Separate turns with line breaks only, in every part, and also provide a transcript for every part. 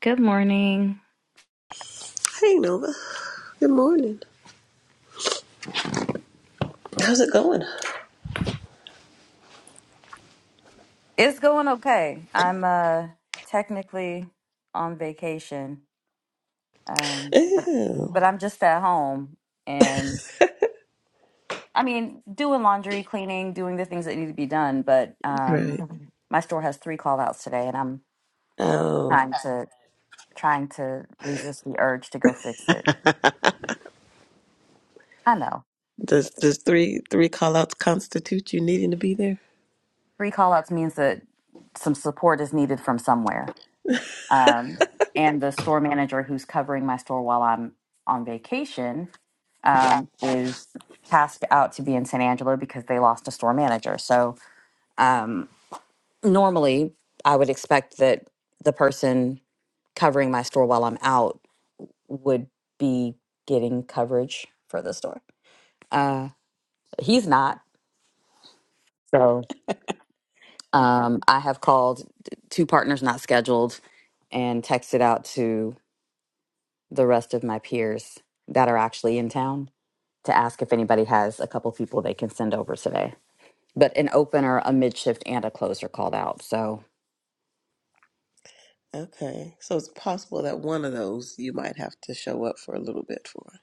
Good morning.
Hey, Nova. Good morning. How's it going?
It's going okay. I'm uh technically on vacation. Um but
Ew.
but I'm just at home and I mean doing laundry, cleaning, doing the things that need to be done, but um
Right.
Mhm. my store has three call outs today and I'm
Oh,
trying to trying to resist the urge to go fix it. I know.
does does three three call outs constitute you needing to be there?
Three call outs means that some support is needed from somewhere. Um and the store manager who's covering my store while I'm on vacation um, is tasked out to be in San Angelo because they lost a store manager. So um, normally, I would expect that the person covering my store while I'm out would be getting coverage for the store. Uh, he's not. So um, I have called t- two partners not scheduled and texted out to the rest of my peers that are actually in town to ask if anybody has a couple people they can send over today. but an opener, a mid shift, and a closer called out. So,
Okay, so it's possible that one of those you might have to show up for a little bit for.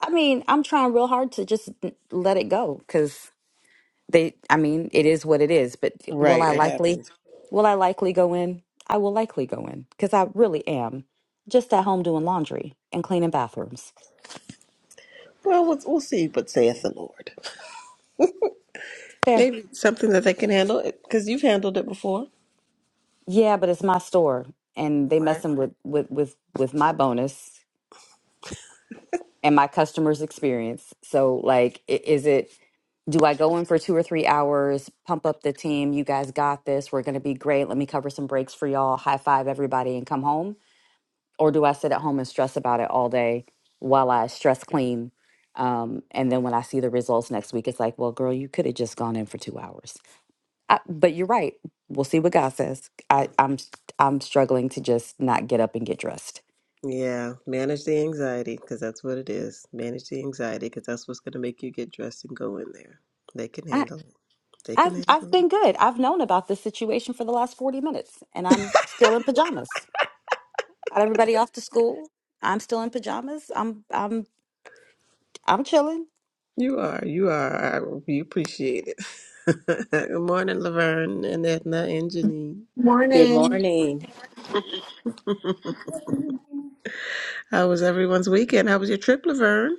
I mean, I'm trying real hard to just n- let it go because they, I mean, it is what it is. But will
Right,
I
it
likely,
happens.
will I likely go in? I will likely go in because I really am just at home doing laundry and cleaning bathrooms.
Well, we'll, we'll see. But saith the Lord,
Fair.
maybe something that they can handle because you've handled it before.
Yeah, but it's my store and they
Right.
messing with, with, with, with my bonus. and my customer's experience. So, like, i- is it, do I go in for two or three hours, pump up the team? You guys got this. We're going to be great. Let me cover some breaks for y'all, high five everybody, and come home? Or do I sit at home and stress about it all day while I stress clean? Um, and then when I see the results next week, it's like, well, girl, you could have just gone in for two hours. I, but you're right. We'll see what God says. I, I'm I'm struggling to just not get up and get dressed.
Yeah, manage the anxiety because that's what it is. Manage the anxiety because that's what's going to make you get dressed and go in there. They can handle it. They can
I've
handle it.
I've been good. I've known about this situation for the last 40 minutes and I'm still in pajamas. Got everybody off to school. I'm still in pajamas. I'm I'm I'm chilling.
You are, you are. I, we appreciate it. Good morning, Laverne and Edna and Janine.
Good
Morning.
morning.
How was everyone's weekend? How was your trip, Laverne?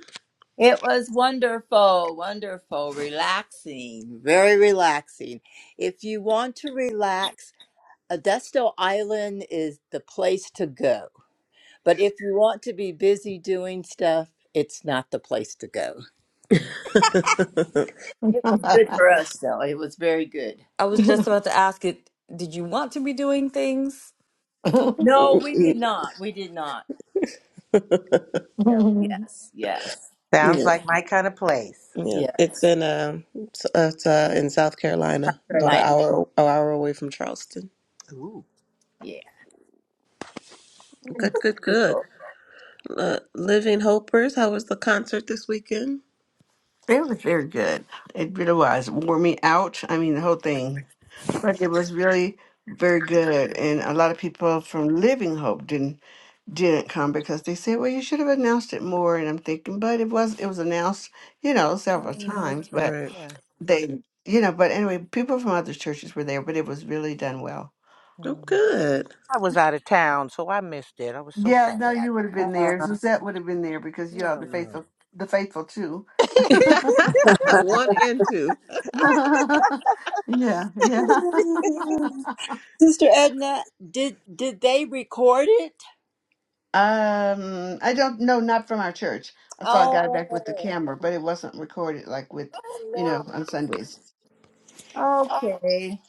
It was wonderful, wonderful, relaxing, Very relaxing. If you want to relax, Modesto Island is the place to go. But if you want to be busy doing stuff, it's not the place to go.
yeah,
It
it
was good for us, though. It was very good.
I was just about to ask it, did you want to be doing things?
was
No, we did not. We did not. So yes, yes,
Sounds
yeah.
like my kind of place.
It's
yes.
in um, it's, uh, it's, uh, in South Carolina, about an
Carolina.
hour, an hour away from Charleston.
Ooh.
Yeah.
Good, good,
It
good. Uh, Living Hopers. How was the concert this weekend?
very good. It really was. Wore me out. I mean, the whole thing. But it was really very good. And a lot of people from Living Hope didn't didn't come because they said, "Well, you should have announced it more." And I'm thinking, but it was it was announced, you know, several
hmm
times. But
Right.
Yeah.
they, you know, but anyway, people from other churches were there. But it was really done well.
Oh,
Mhm.
good.
I was out of town, so I missed it. I was so
Yeah,
sad.
no, you would have been
was
there. Suzette would have been there because you are
Oh,
the
no.
faithful, the faithful too.
One and two.
yeah, yeah.
Wonderful. Sister Edna, did did they record it?
Um, I don't know, not from our church. I saw a guy back with the
Oh,
camera, but it wasn't recorded like with, you
oh
know, on Sundays.
no. Okay.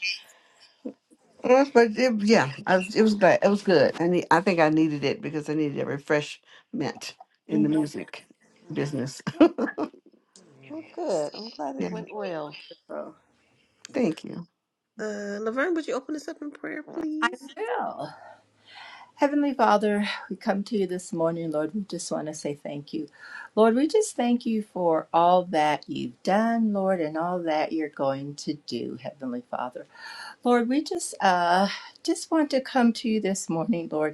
Yes, But it, yeah, I was, it was good. It was good. I need, I think I needed it because I needed a refreshment in the
Mhm.
music business.
Well, good. I'm glad it
Yeah,
went well.
Oh,
thank you.
Uh, Laverne, would you open us up in prayer,
I
please?
will. Heavenly Father, we come to you this morning, Lord. We just want to say thank you. Lord, we just thank you for all that you've done, Lord, and all that you're going to do, Heavenly Father. Lord, we just uh just want to come to you this morning, Lord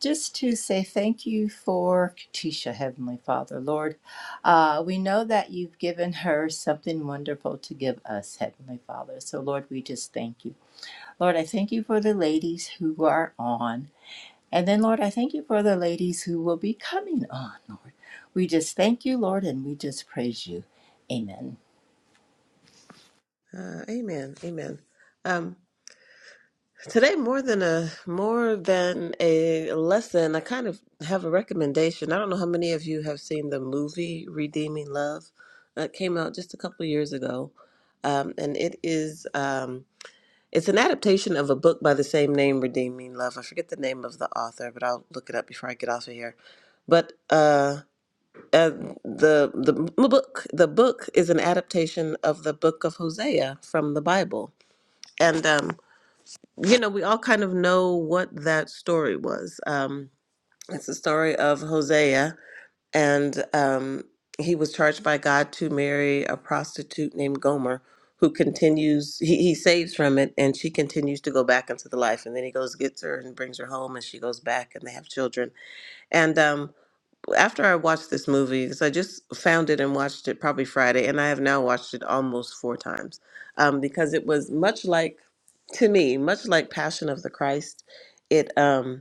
just to say thank you for Katisha, Heavenly Father, Lord. Uh, we know that you've given her something wonderful to give us, Heavenly Father. So, Lord, we just thank you. Lord, I thank you for the ladies who are on. And then, Lord, I thank you for the ladies who will be coming on, Lord. We just thank you, Lord, and we just praise you. Amen.
Uh, amen. Amen. Um, today, more than a more than a lesson, I kind of have a recommendation. I don't know how many of you have seen the movie Redeeming Love. Uh, It came out just a couple of years ago, um, and it is um, it's an adaptation of a book by the same name, Redeeming Love. I forget the name of the author, but I'll look it up before I get off of here. But uh, uh, the the book the book is an adaptation of the book of Hosea from the Bible, and um, you know we all kind of know what that story was. Um, it's the story of Hosea, and um, he was charged by God to marry a prostitute named Gomer, who continues he, he saves from it, and she continues to go back into the life, and then he goes gets her and brings her home, and she goes back, and they have children, and um, after I watched this movie, because I just found it and watched it probably Friday, and I have now watched it almost four times, um, because it was much like, to me, much like Passion of the Christ. It um,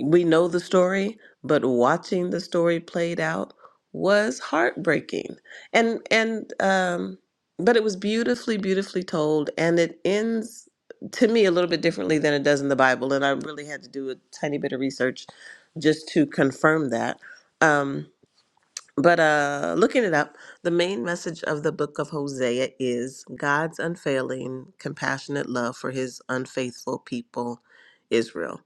we know the story, but watching the story played out was heartbreaking. And and um but it was beautifully beautifully told and it ends to me a little bit differently than it does in the Bible and I really had to do a tiny bit of research just to confirm that. Um but uh, looking it up, the main message of the book of Hosea is God's unfailing, compassionate love for his unfaithful people, Israel.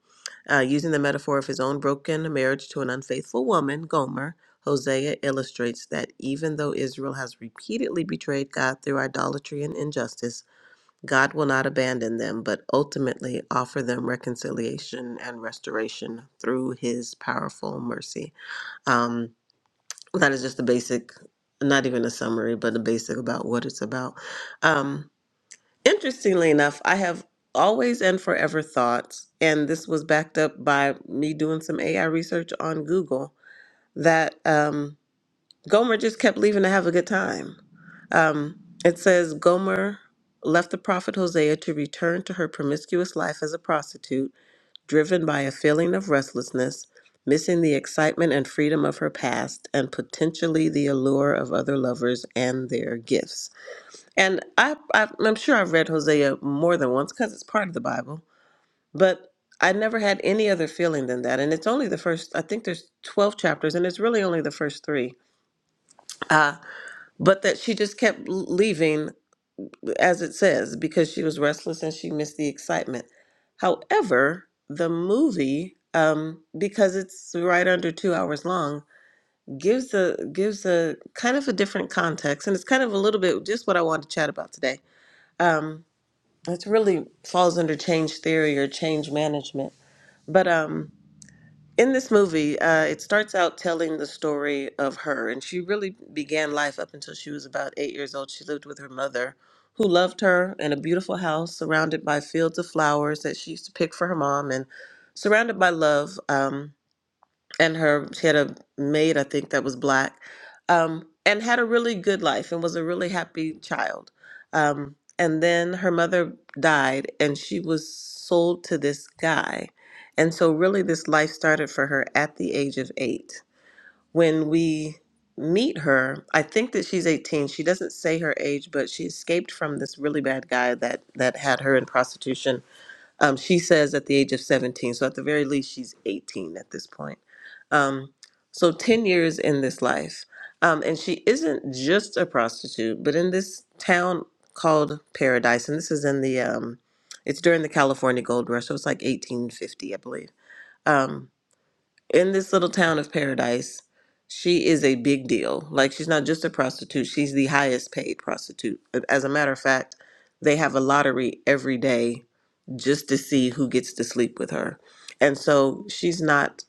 Uh, using the metaphor of his own broken marriage to an unfaithful woman, Gomer, Hosea illustrates that even though Israel has repeatedly betrayed God through idolatry and injustice, God will not abandon them, but ultimately offer them reconciliation and restoration through his powerful mercy. Um, that is just the basic not even a summary but the basic about what it's about um interestingly enough i have always and forever thought and this was backed up by me doing some ai research on google that um gomer just kept leaving to have a good time um it says gomer left the prophet hosea to return to her promiscuous life as a prostitute driven by a feeling of restlessness, missing the excitement and freedom of her past, and potentially the allure of other lovers and their gifts. And I, I I'm sure I've read Hosea more than once because it's part of the Bible, but I never had any other feeling than that. And it's only the first, I think there's 12 chapters, and it's really only the first three. Uh, but that she just kept leaving as it says, because she was restless and she missed the excitement. However, the movie, um, because it's right under two hours long, gives a gives a kind of a different context, and it's kind of a little bit just what I wanted to chat about today. Um, it really falls under change theory or change management, but um, in this movie, uh, it starts out telling the story of her, and she really began life up until she was about eight years old. She lived with her mother, who loved her, in a beautiful house surrounded by fields of flowers that she used to pick for her mom, and surrounded by love. Um, and her she had a maid i think that was black um, and had a really good life and was a really happy child um, and then her mother died and she was sold to this guy and so really this life started for her at the age of eight when we meet her i think that she's 18 she doesn't say her age but she escaped from this really bad guy that that had her in prostitution um, she says at the age of 17, so at the very least, she's 18 at this point. Um, so 10 years in this life. Um, and she isn't just a prostitute, but in this town called Paradise, and this is in the, um, it's during the California Gold Rush, so it's like 1850, I believe. Um, in this little town of paradise she is a big deal like she's not just a prostitute she's the highest paid prostitute as a matter of fact they have a lottery every day just to see who gets to sleep with her and so she's not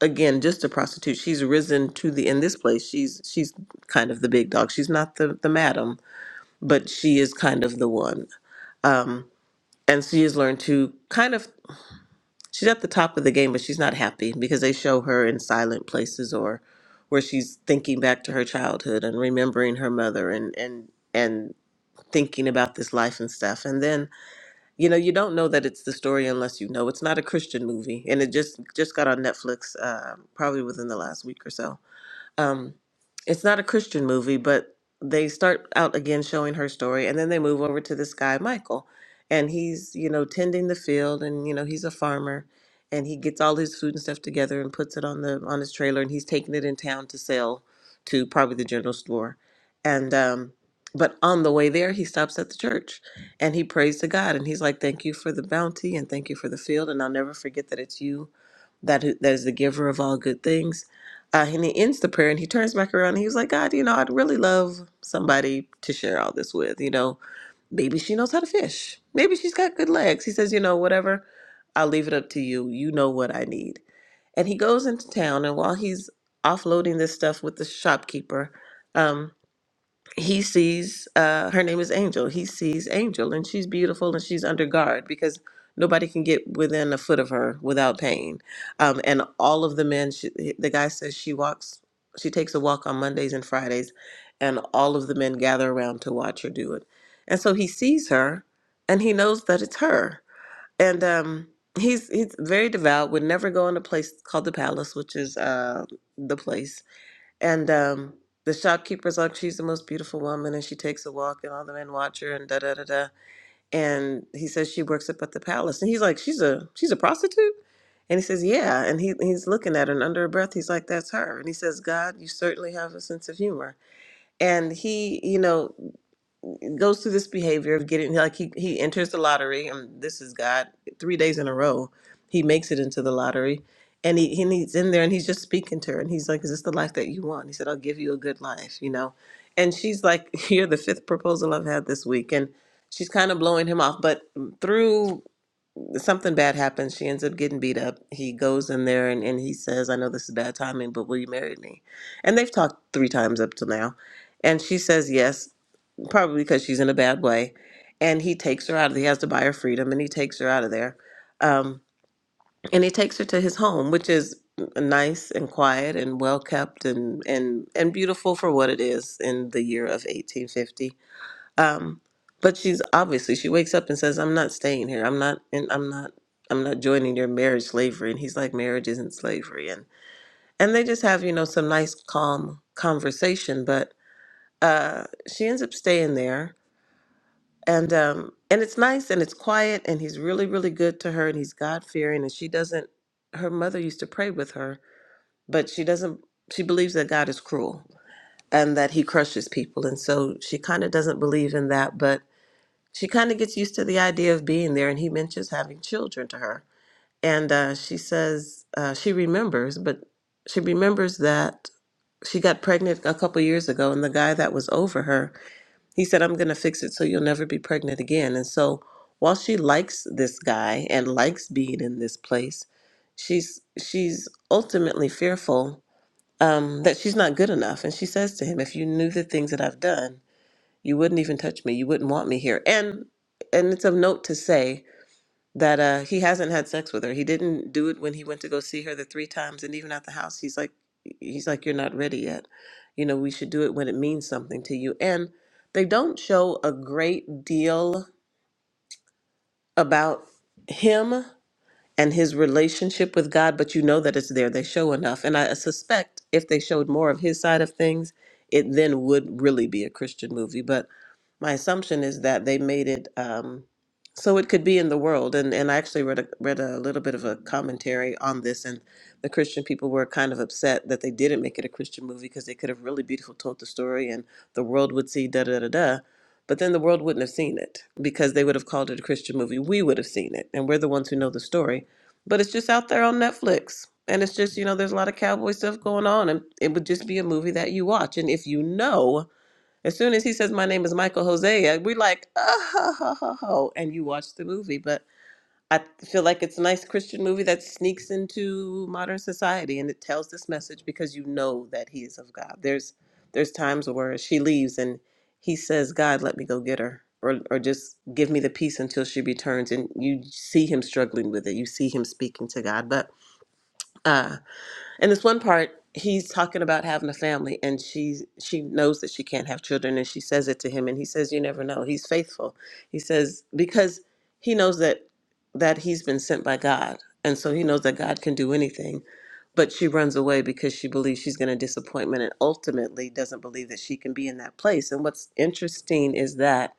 again just a prostitute she's risen to the in this place she's she's kind of the big dog she's not the the madam but she is kind of the one um and she has learned to kind of she's at the top of the game, but she's not happy because they show her in silent places or where she's thinking back to her childhood and remembering her mother and and and thinking about this life and stuff. And then you know you don't know that it's the story unless you know. It's not a Christian movie, and it just just got on Netflix uh, probably within the last week or so um, it's not a Christian movie, but they start out again showing her story, and then they move over to this guy Michael, and he's you know tending the field, and you know he's a farmer, and he gets all his food and stuff together and puts it on the on his trailer, and he's taking it in town to sell to probably the general store, and um, but on the way there he stops at the church, and he prays to God, and he's like, "Thank you for the bounty, and thank you for the field, and I'll never forget that it's you." that who- that is the giver of all good things uh, and he ends the prayer and he turns back around and he was like, God, you know, I'd really love somebody to share all this with. You know, maybe she knows how to fish. Maybe she's got good legs. He says, you know, whatever, I'll leave it up to you. You know what I need. And he goes into town and while he's offloading this stuff with the shopkeeper, um, he sees uh, her name is Angel. He sees Angel, and she's beautiful and she's under guard because nobody can get within a foot of her without pain. Um, and all of the men, she, the guy says she walks, she takes a walk on Mondays and Fridays, and all of the men gather around to watch her do it. And so he sees her, and he knows that it's her. And um, he's he's very devout. Would never go in a place called the Palace, which is uh, the place and um, the shopkeeper's like, she's the most beautiful woman, and she takes a walk, and all the men watch her, and da da da da. And he says she works up at the palace, and he's like, she's a she's a prostitute, and he says, yeah, and he he's looking at her, and under her breath, he's like, that's her, and he says, God, you certainly have a sense of humor, and he, you know goes through this behavior of getting like he, he enters the lottery and this is god three days in a row he makes it into the lottery and he, he he's in there and he's just speaking to her and he's like is this the life that you want he said i'll give you a good life you know and she's like you're the fifth proposal i've had this week and she's kind of blowing him off but through something bad happens she ends up getting beat up he goes in there and, and he says i know this is bad timing but will you marry me and they've talked three times up till now and she says yes probably because she's in a bad way. And he takes her out of. He has to buy her freedom, and he takes her out of there. Um, and he takes her to his home, which is nice and quiet and well kept and and and beautiful for what it is in the year of 1850. Um, but she's obviously she wakes up and says, "I'm not staying here. I'm not. And I'm not." I'm not joining your marriage slavery. And he's like, marriage isn't slavery. And and they just have, you know, some nice calm conversation. But uh she ends up staying there and um and it's nice and it's quiet and he's really really good to her and he's god fearing and she doesn't her mother used to pray with her but she doesn't she believes that god is cruel and that he crushes people and so she kind of doesn't believe in that but she kind of gets used to the idea of being there and he mentions having children to her and uh, she says uh, she remembers but she remembers that she got pregnant a couple years ago and the guy that was over her he said, I'm going to fix it so you'll never be pregnant again. And so while she likes this guy and likes being in this place, she's she's ultimately fearful um, that she's not good enough. And she says to him, if you knew the things that I've done, you wouldn't even touch me. You wouldn't want me here. And and it's of note to say that uh, he hasn't had sex with her. He didn't do it when he went to go see her the three times, and even at the house, he's like, he's like, you're not ready yet. You know, we should do it when it means something to you. And they don't show a great deal about him and his relationship with God, but you know that it's there. They show enough. And I suspect if they showed more of his side of things, it then would really be a Christian movie. But my assumption is that they made it um, so it could be in the world. And, and I actually read a, read a little bit of a commentary on this, and the Christian people were kind of upset that they didn't make it a Christian movie because they could have really beautiful told the story and the world would see da da da da. But then the world wouldn't have seen it because they would have called it a Christian movie. We would have seen it, and we're the ones who know the story but it's just out there on Netflix. And it's just, you know, there's a lot of cowboy stuff going on. And it would just be a movie that you watch. And if you know, as soon as he says, My name is Michael Hosea, we're like, Oh, ho, ho, ho, ho, and you watch the movie. but. I feel like it's a nice Christian movie that sneaks into modern society and it tells this message because you know that he is of God. There's there's times where she leaves and he says, God, let me go get her. Or, or just give me the peace until she returns. And you see him struggling with it. You see him speaking to God. But uh, and this one part, he's talking about having a family, and she she knows that she can't have children, and she says it to him, and he says, "You never know." He's faithful. He says because he knows that that he's been sent by God, and so he knows that God can do anything. But she runs away because she believes she's going to disappointment, and ultimately doesn't believe that she can be in that place. And what's interesting is that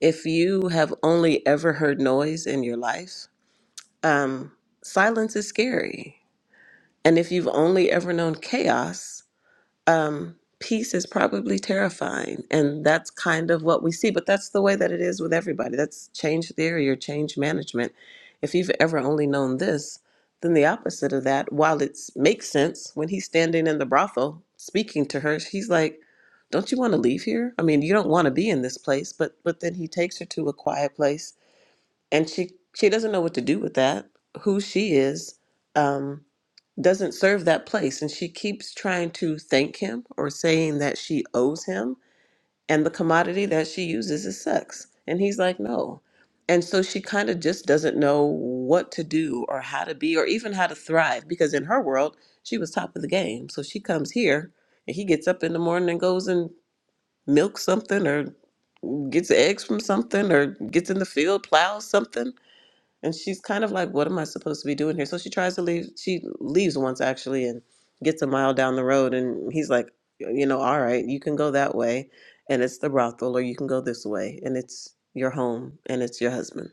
if you have only ever heard noise in your life, um, silence is scary and if you've only ever known chaos, um, peace is probably terrifying. And that's kind of what we see. But that's the way that it is with everybody. That's change theory or change management. If you've ever only known this, then the opposite of that, while it makes sense, when he's standing in the brothel speaking to her, he's like, don't you want to leave here? I mean, you don't want to be in this place, but but then he takes her to a quiet place and she she doesn't know what to do with that who she is um doesn't serve that place and she keeps trying to thank him or saying that she owes him and the commodity that she uses is sex and he's like no and so she kind of just doesn't know what to do or how to be or even how to thrive because in her world she was top of the game so she comes here and he gets up in the morning and goes and milks something or gets eggs from something or gets in the field plows something and she's kind of like what am i supposed to be doing here so she tries to leave she leaves once actually and gets a mile down the road and he's like you know all right you can go that way and it's the brothel or you can go this way and it's your home and it's your husband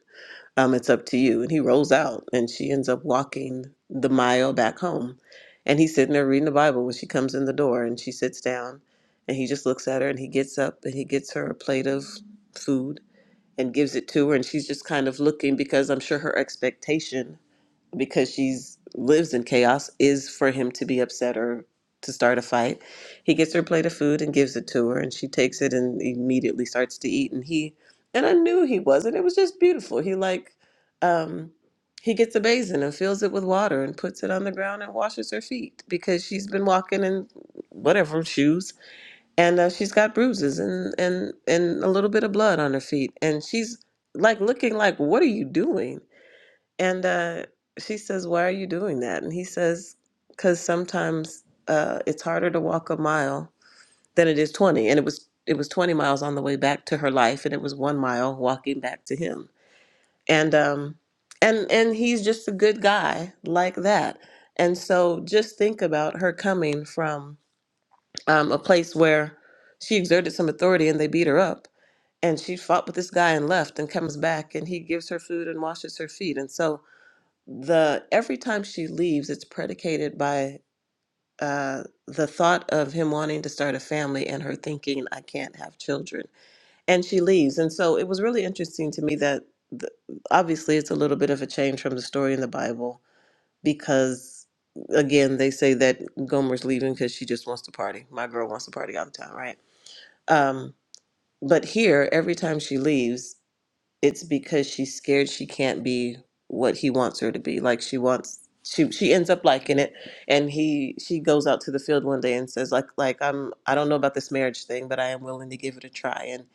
um it's up to you and he rolls out and she ends up walking the mile back home and he's sitting there reading the bible when she comes in the door and she sits down and he just looks at her and he gets up and he gets her a plate of food and gives it to her and she's just kind of looking because i'm sure her expectation because she's lives in chaos is for him to be upset or to start a fight he gets her a plate of food and gives it to her and she takes it and immediately starts to eat and he and i knew he wasn't it was just beautiful he like um he gets a basin and fills it with water and puts it on the ground and washes her feet because she's been walking in whatever shoes and uh, she's got bruises and and and a little bit of blood on her feet and she's like looking like what are you doing and uh, she says why are you doing that and he says because sometimes uh, it's harder to walk a mile than it is 20 and it was it was 20 miles on the way back to her life and it was one mile walking back to him and um and and he's just a good guy like that and so just think about her coming from um, a place where she exerted some authority and they beat her up. And she fought with this guy and left and comes back and he gives her food and washes her feet. And so the every time she leaves, it's predicated by uh, the thought of him wanting to start a family and her thinking, I can't have children. And she leaves. And so it was really interesting to me that the, obviously it's a little bit of a change from the story in the Bible because, again, they say that Gomer's leaving because she just wants to party. My girl wants to party all the time, right? Um, but here, every time she leaves, it's because she's scared she can't be what he wants her to be. Like she wants, she she ends up liking it, and he she goes out to the field one day and says like like I'm I don't know about this marriage thing, but I am willing to give it a try. And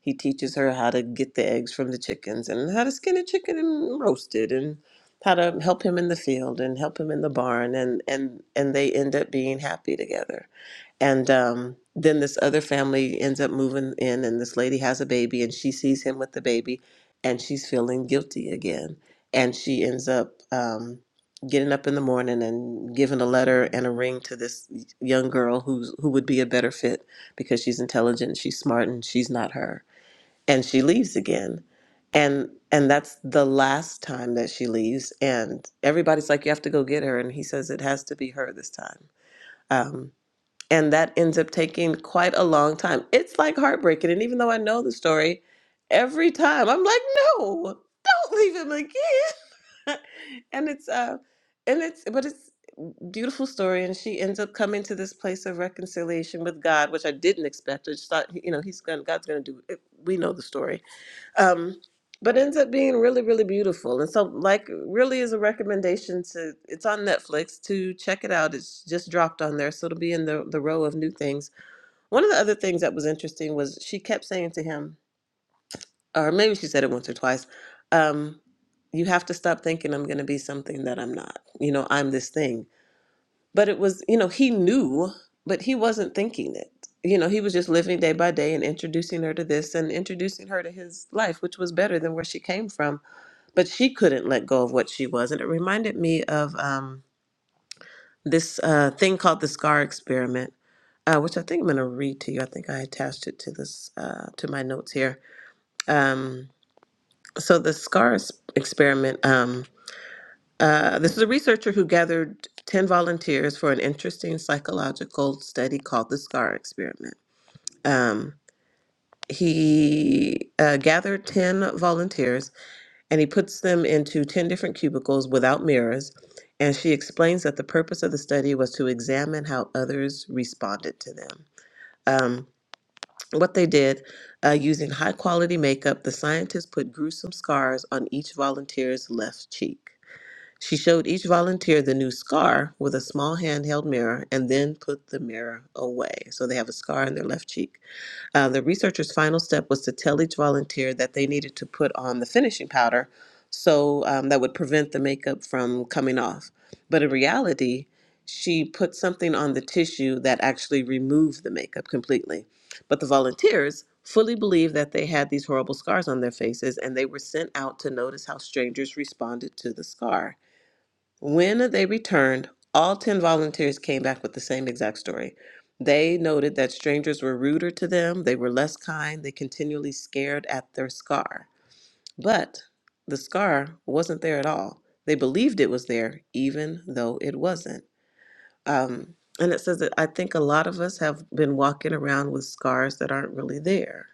he teaches her how to get the eggs from the chickens and how to skin a chicken and roast it and how to help him in the field and help him in the barn and and and they end up being happy together and um, then this other family ends up moving in, and this lady has a baby, and she sees him with the baby, and she's feeling guilty again. And she ends up um, getting up in the morning and giving a letter and a ring to this young girl who's who would be a better fit because she's intelligent, she's smart, and she's not her. And she leaves again. And and that's the last time that she leaves. And everybody's like, "You have to go get her," and he says, "It has to be her this time." Um, and that ends up taking quite a long time. It's like heartbreaking. And even though I know the story, every time I'm like, no, don't leave him again. and it's uh and it's but it's a beautiful story and she ends up coming to this place of reconciliation with God, which I didn't expect. I just thought you know, he's gonna God's gonna do it. We know the story. Um but ends up being really, really beautiful. And so like really is a recommendation to it's on Netflix to check it out. It's just dropped on there. So it'll be in the, the row of new things one of the other things that was interesting was she kept saying to him, or maybe she said it once or twice, um, you have to stop thinking I'm going to be something that I'm not. You know, I'm this thing. But it was, you know, he knew, but he wasn't thinking it. You know, he was just living day by day and introducing her to this and introducing her to his life, which was better than where she came from. But she couldn't let go of what she was. And it reminded me of. Um, this uh, thing called the scar experiment uh, which i think i'm going to read to you i think i attached it to this uh, to my notes here um, so the scar es- experiment um, uh, this is a researcher who gathered 10 volunteers for an interesting psychological study called the scar experiment um, he uh, gathered 10 volunteers and he puts them into 10 different cubicles without mirrors. And she explains that the purpose of the study was to examine how others responded to them. Um, what they did uh, using high quality makeup, the scientists put gruesome scars on each volunteer's left cheek. She showed each volunteer the new scar with a small handheld mirror and then put the mirror away. So they have a scar on their left cheek. Uh, the researchers' final step was to tell each volunteer that they needed to put on the finishing powder so um, that would prevent the makeup from coming off. But in reality, she put something on the tissue that actually removed the makeup completely. But the volunteers fully believed that they had these horrible scars on their faces and they were sent out to notice how strangers responded to the scar. When they returned, all 10 volunteers came back with the same exact story. They noted that strangers were ruder to them, they were less kind, they continually scared at their scar. But the scar wasn't there at all. They believed it was there, even though it wasn't. Um, and it says that I think a lot of us have been walking around with scars that aren't really there.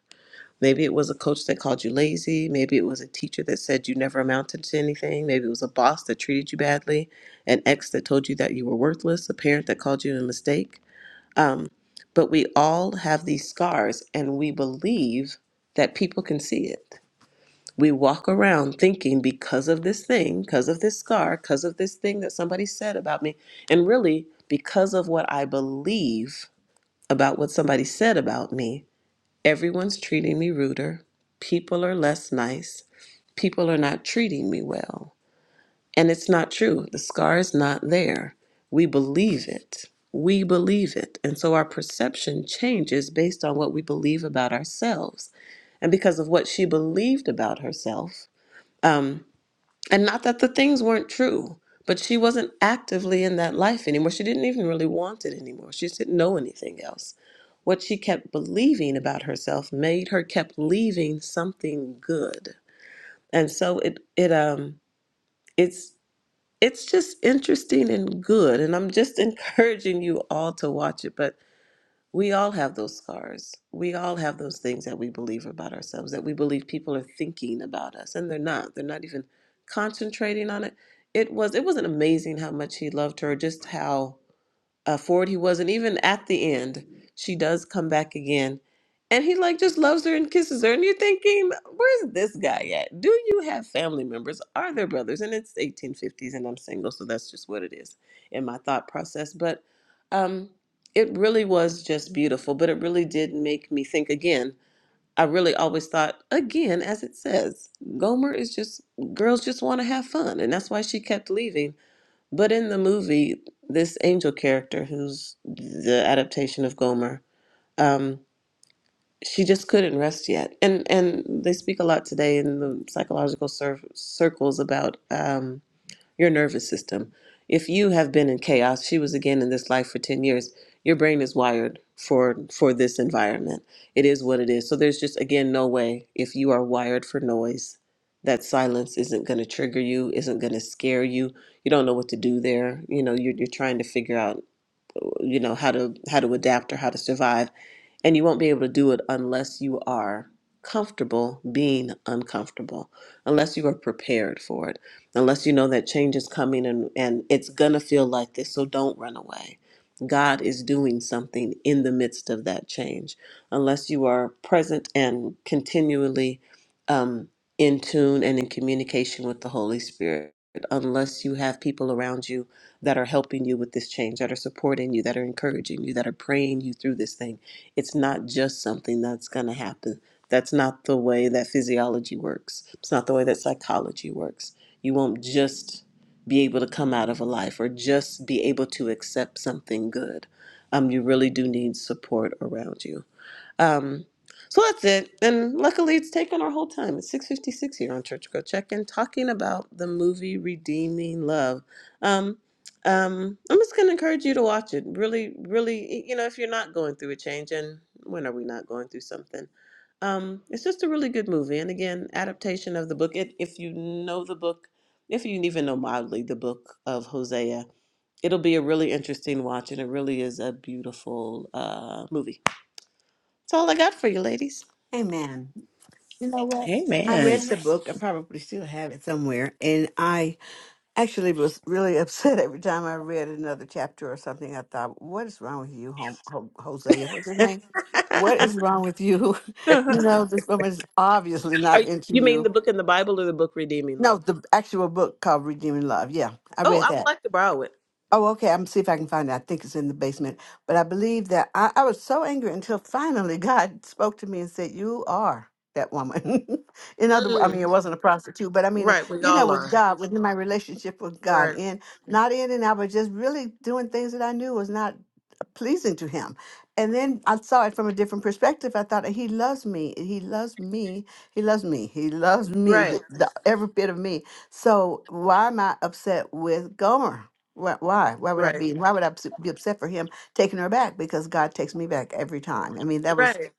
Maybe it was a coach that called you lazy. Maybe it was a teacher that said you never amounted to anything. Maybe it was a boss that treated you badly, an ex that told you that you were worthless, a parent that called you a mistake. Um, but we all have these scars and we believe that people can see it. We walk around thinking because of this thing, because of this scar, because of this thing that somebody said about me, and really because of what I believe about what somebody said about me, Everyone's treating me ruder. People are less nice. People are not treating me well. And it's not true. The scar is not there. We believe it. We believe it. And so our perception changes based on what we believe about ourselves. And because of what she believed about herself, um, and not that the things weren't true, but she wasn't actively in that life anymore. She didn't even really want it anymore. She just didn't know anything else. What she kept believing about herself made her kept leaving something good. And so it it um it's it's just interesting and good. And I'm just encouraging you all to watch it. But we all have those scars. We all have those things that we believe about ourselves, that we believe people are thinking about us, and they're not. They're not even concentrating on it. It was it wasn't amazing how much he loved her, just how uh, forward he was, and even at the end, she does come back again, and he like just loves her and kisses her, and you're thinking, where's this guy at? Do you have family members? Are there brothers? And it's 1850s, and I'm single, so that's just what it is in my thought process. But um, it really was just beautiful, but it really did make me think again. I really always thought, again, as it says, Gomer is just girls just want to have fun, and that's why she kept leaving but in the movie, this angel character, who's the adaptation of Gomer, um, she just couldn't rest yet. And and they speak a lot today in the psychological cir- circles about. um, your nervous system. If you have been in chaos, she was again in this life for 10 years, your brain is wired for for this environment. It is what it is. So there's just again no way if you are wired for noise that silence isn't going to trigger you, isn't going to scare you. You don't know what to do there. You know, you're, you're trying to figure out you know how to how to adapt or how to survive and you won't be able to do it unless you are comfortable being uncomfortable unless you are prepared for it unless you know that change is coming and and it's going to feel like this so don't run away god is doing something in the midst of that change unless you are present and continually um, in tune and in communication with the holy spirit unless you have people around you that are helping you with this change, that are supporting you, that are encouraging you, that are praying you through this thing. It's not just something that's going to happen. That's not the way that physiology works. It's not the way that psychology works. You won't just be able to come out of a life or just be able to accept something good. Um, you really do need support around you. Um, so that's it. And luckily, it's taken our whole time. It's 6.56 here on Church Girl Check-In, talking about the movie Redeeming Love. Um, um, I'm just going to encourage you to watch it. Really, really, you know, if you're not going through a change, and when are we not going through something? Um, it's just a really good movie. And again, adaptation of the book. It, if you know the book, if you even know mildly the book of Hosea, it'll be a really interesting watch, and it really is a beautiful uh, movie. That's all I got for you, ladies.
Amen. You know what? I
Amen.
read the book. I probably still have it somewhere. And I actually was really upset every time I read another chapter or something. I thought, what is wrong with you, Hom- Ho- Hosea? What's his name? What is wrong with you? you
Are
know, this woman is obviously not
you,
into
mean
you.
the book in the Bible or the book Redeeming
No,
Love?
the actual book called Redeeming Love. Yeah, I
Oh,
read
I would
that.
like to borrow it.
Oh, okay. I'm see if I can find it. I think it's in the basement. But I believe that I, I was so angry until finally God spoke to me and said, "You are that woman." in other, wo- I mean, it
Mm.
wasn't a prostitute, but I mean,
Right, we
you know,
all
with
are.
God, within my relationship with God,
Right,
in not in and out, but just really doing things that I knew was not pleasing to him. And then I saw it from a different perspective. I thought he loves me. He loves me. He loves me. He loves me.
right,
The, the, every bit of me. So why am I upset with Gomer? Why? Why why would I be? Why would I be upset for him taking her back? Because God takes me back every time. I mean, that was
right,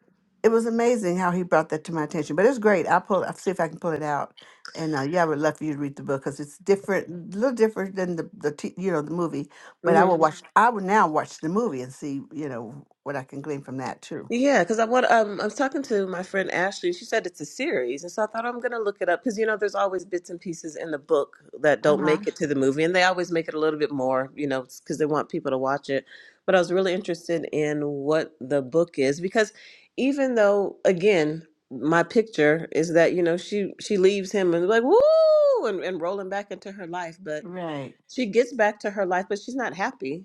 it was amazing how he brought that to my attention. But it's great. I'll pull. I'll see if I can pull it out. And uh, yeah, I would love for you to read the book because it's different, a little different than the the t- you know the movie. But
right.
I will watch. Mhm. I will now watch the movie and see you know what I can glean from that too.
Yeah, because I want um I was talking to my friend Ashley. and She said it's a series, and so I thought I'm gonna look it up because you know there's always bits and pieces in the book that
Uh
don't
huh.
make it to the movie, and they always make it a little bit more, you know, because they want people to watch it. But I was really interested in what the book is because even though again my picture is that you know she she leaves him and like woo and, and rolling back into her life, but
Right.
she gets back to her life, but she's not happy.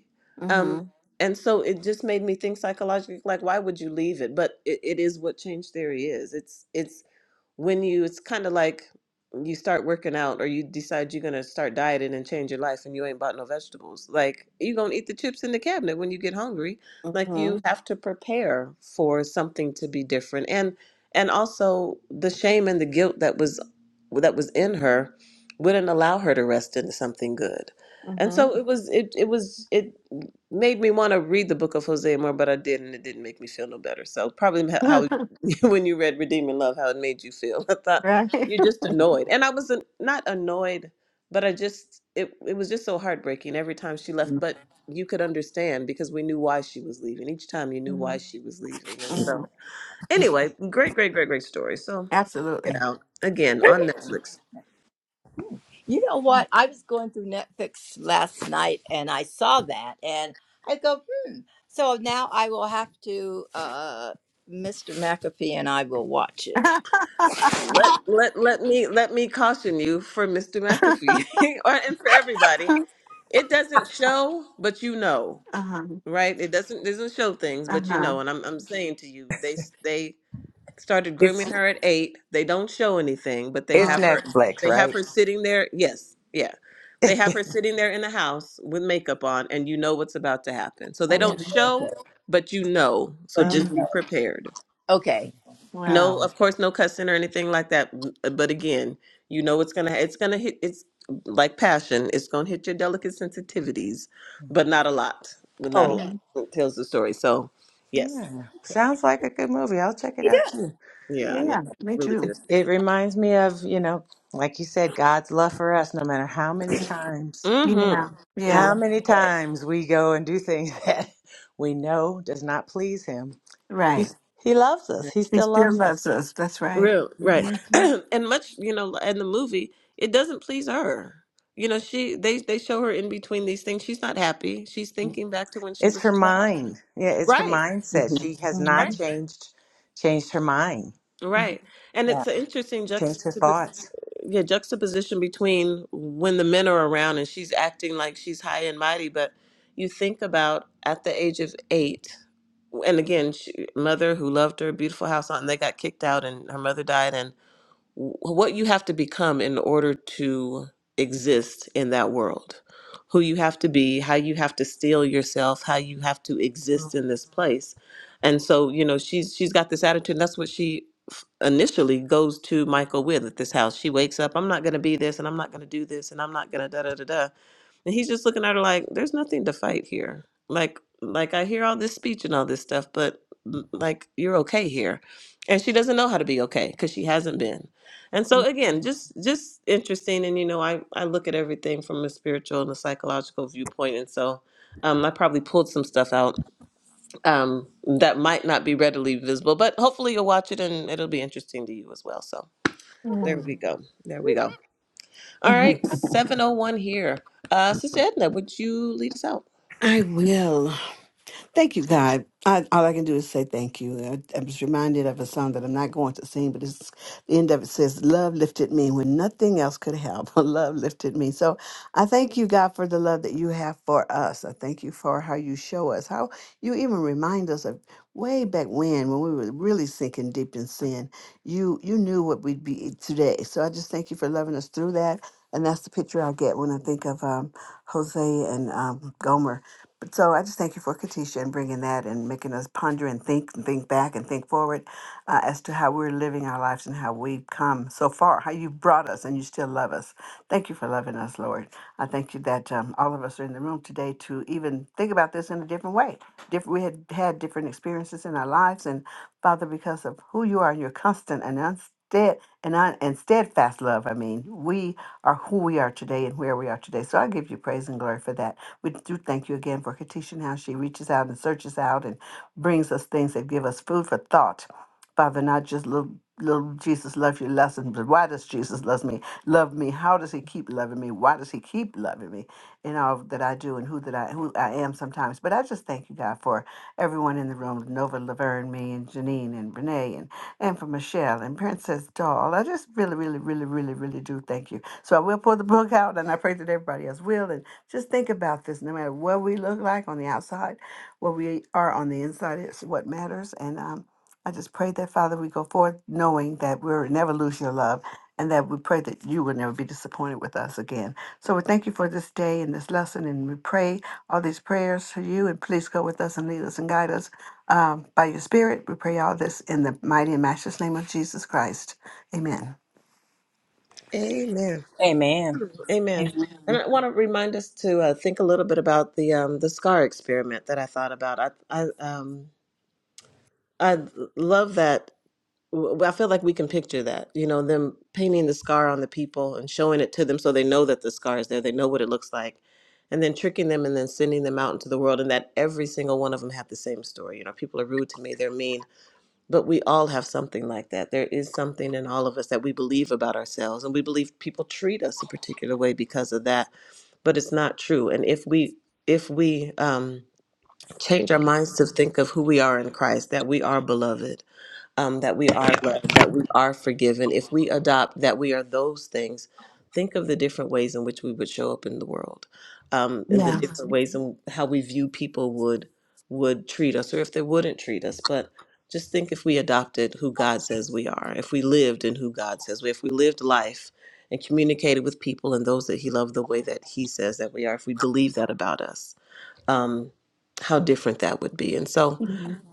Um,
Mhm.
and so it just made me think psychologically, like, why would you leave it? But it, it is what change theory is. It's it's when you it's kind of like you start working out or you decide you're going to start dieting and change your life and you ain't bought no vegetables like you going to eat the chips in the cabinet when you get hungry like you
Mhm.
have to prepare for something to be different and and also the shame and the guilt that was that was in her wouldn't allow her to rest into something good and
Mhm.
so it was it it was it made me want to read the book of hosea more but i didn't it didn't make me feel no better so probably how when you read Redeeming Love, how it made you feel. I thought
right.
you're just annoyed. And I was an, not annoyed, but I just, it, it was just so heartbreaking every time she left. But you could understand because we knew why she was leaving. Each time you knew why
Mhm.
she was leaving. And
Mhm.
so, anyway, great, great, great, great story. So, get
Absolutely.
out again on Netflix.
You know what? I was going through Netflix last night and I saw that and I go, hmm. So now I will have to, uh, Mr. McAfee and I will watch it.
uh
Let let let me let me caution you for Mr. McAfee or and for everybody. It doesn't show, but you know.
huh.
right? It doesn't doesn't show things,
Uh
but you
huh.
know, and I'm I'm saying to you, they s- they started
It's
grooming her at eight. They don't show anything, but they
it's
have her
Netflix,
they have
right?
her sitting there. Yes, yeah, they have her sitting there in the house with makeup on, and you know what's about to happen. So they
Yeah.
don't
Mhm.
show, but you know. So
But you
Uh-huh.
just be
know,
Mhm.
prepared.
okay. Uh,
No,
Wow.
of course, no cussing or anything like that. M- uh, But again, you know it's gonna it's gonna hit it's like passion. It's gonna hit your delicate sensitivities, but not a lot. But not a
oh,
lot.
Mhm.
It tells the story. So yes,
Yeah.
okay.
Sounds like a good movie. I'll check it
He
out
does.
too.
yeah,
Yeah.
yeah,
Yeah. Me
really
too.
good.
It, it reminds me of, you know, like you said, God's love for us, no matter how many times.
Yeah.
Mm-hmm.
We
Yeah.
How many
will.
times we go and do things that we know does not please him. He
Right.
he loves us. He
He
still
still
loves us.
loves us. That's right.
Real right,
hmm
and much you know in the movie it doesn't please her. You know she they they show her in between these things. She's not happy. She's thinking back to when she
It's
was a
her
child.
mind. Yeah, it's her
Right.
mindset.
Mhm.
She has not
Right.
Mhm.
changed changed her mind,
Right. And
Yeah.
it's an interesting
changed her
juxtaposition.
thoughts.
yeah juxtaposition between when the men are around and she's acting like she's high and mighty but you think about at the age of eight and again she, mother who loved her beautiful house and they got kicked out and her mother died what you have to become in order to exist in that world, who you have to be, how you have to steal yourself, how you have to exist in this place. And so, you know, she's she's got this attitude. And that's what she f- initially goes to Michael with at this house. She wakes up, I'm not going to be this, and I'm not going to do this, and I'm not going to da da da da. And he's just looking at her like, there's nothing to fight here. Like, like I hear all this speech and all this stuff, but l- like you're okay here. And she doesn't know how to be okay because she hasn't been. And so again, just just interesting. And you know, I, I look at everything from a spiritual and a psychological viewpoint. And so um, I probably pulled some stuff out um, that might not be readily visible, but hopefully you'll watch it and it'll be interesting to you as well. So there
Mhm.
we go. There we go. All right, 701 here. Uh, Sister Edna, would you lead us out?
I will. Thank you, God. I, all I can do is say thank you. I, I was reminded of a song that I'm not going to sing, but it's the end of it says, Love lifted me when nothing else could help. love lifted me. So I thank you, God, for the love that you have for us. I thank you for how you show us, how you even remind us of way back when, when we were really sinking deep in sin. You you knew what we'd be today. So I just thank you for loving us through that. And that's the picture I get when I think of um, Jose and um, Gomer but so I just thank you for Katisha and bringing that and making us ponder and think and think back and think forward uh, as to how we're living our lives and how we've come so far, how you've brought us and you still love us. Thank you for loving us, Lord. I thank you that um, all of us are in the room today to even think about this in a different way. Different, we had had different experiences in our lives, and Father, because of who you are and your constant and unstead and, un, and steadfast love, I mean, we are who we are today and where we are today. So I give you praise and glory for that. We do thank you again for Katisha how she reaches out and searches out and brings us things that give us food for thought. Father, not just little little Jesus loves you lessons, but why does Jesus love me? Love me. How does he keep loving me? Why does he keep loving me? and all that I do and who that I who I am sometimes. But I just thank you, God, for everyone in the room, Nova Laverne, me and Janine and Renee and and for Michelle and Princess Doll. I just really, really, really, really, really do thank you. So I will pull the book out and I pray that everybody else will and just think about this. No matter what we look like on the outside, what we are on the inside is what matters. And um I just pray that Father we go forth knowing that we'll never lose your love and that we pray that you will never be disappointed with us again. So we thank you for this day and this lesson, and we pray all these prayers for you. And please go with us and lead us and guide us um, by your Spirit. We pray all this in the mighty and matchless name of Jesus Christ. Amen.
Amen.
Amen.
Amen.
Amen.
And I want to remind us to uh, think a little bit about the um, the scar experiment that I thought about. I I um I love that. w- I feel like we can picture that. You know, them painting the scar on the people and showing it to them so they know that the scar is there. They know what it looks like. And then tricking them and then sending them out into the world and that every single one of them had the same story. You know, people are rude to me, they're mean. but we all have something like that. There is something in all of us that we believe about ourselves, and we believe people treat us a particular way because of that, but it's not true. And if we if we um, change our minds to think of who we are in Christ, that we are beloved, um, that we are loved, that we are forgiven, if we adopt that we are those things, think of the different ways in which we would show up in the world, um, and the Mhm.
Yeah.
different ways in how we view people would would treat us, or if they wouldn't treat us. But just think if we adopted who God says we are, if we lived in who God says we, if we lived life and communicated with people and those that He loved the way that He says that we are, if we believe that about us, um, how different that would be. And so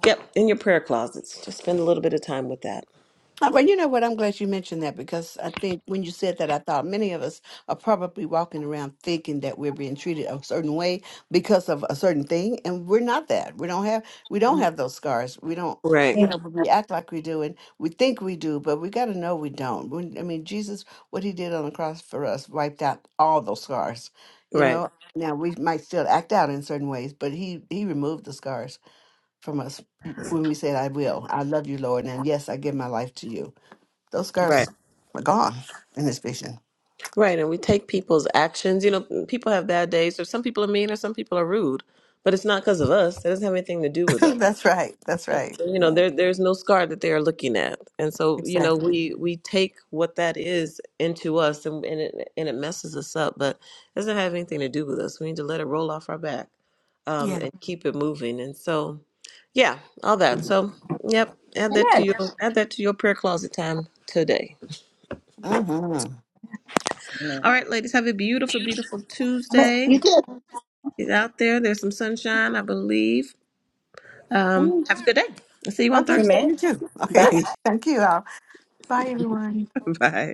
Yep, in your prayer closets. Just spend a little bit of time with that.
Uh, Well, you know what? I'm glad you mentioned that because I think when you said that, I thought many of us are probably walking around thinking that we're being treated a certain way because of a certain thing, and we're not that. We don't have we don't have those scars. We don't,
Right,
you know,
Amen.
but we act like we do, and we think we do, but we got to know we don't. When, I mean, Jesus, what he did on the cross for us wiped out all those scars. You
right,
know, now we might still act out in certain ways, but he he removed the scars from us when we said, "I will, I love you, Lord," and yes, I give my life to you those
right,
scars are gone in this vision.
right. And we take people's actions. You know, mm, people have bad days, or some people are mean, or some people are rude. But it's not because of us. That doesn't have anything to do with us.
that's right. That's
And
right.
so, you know, there there's no scar that they are looking at, and so you know
Exactly.
we we take what that is into us, and and it and it messes us up, but it doesn't have anything to do with us. We need to let it roll off our back, um,
Yeah.
and keep it moving. And so, yeah, all that. So, yep, add that to your add that to your prayer closet time today.
Mm-hmm.
Amen.
All right, ladies, have a beautiful, beautiful Tuesday. Get out there. There's some sunshine, I believe. Um, have a good day. I'll see you on
Okay.
Thursday.
Amen.
You too.
Bye.
Okay. Thank you all. Bye, everyone.
Bye.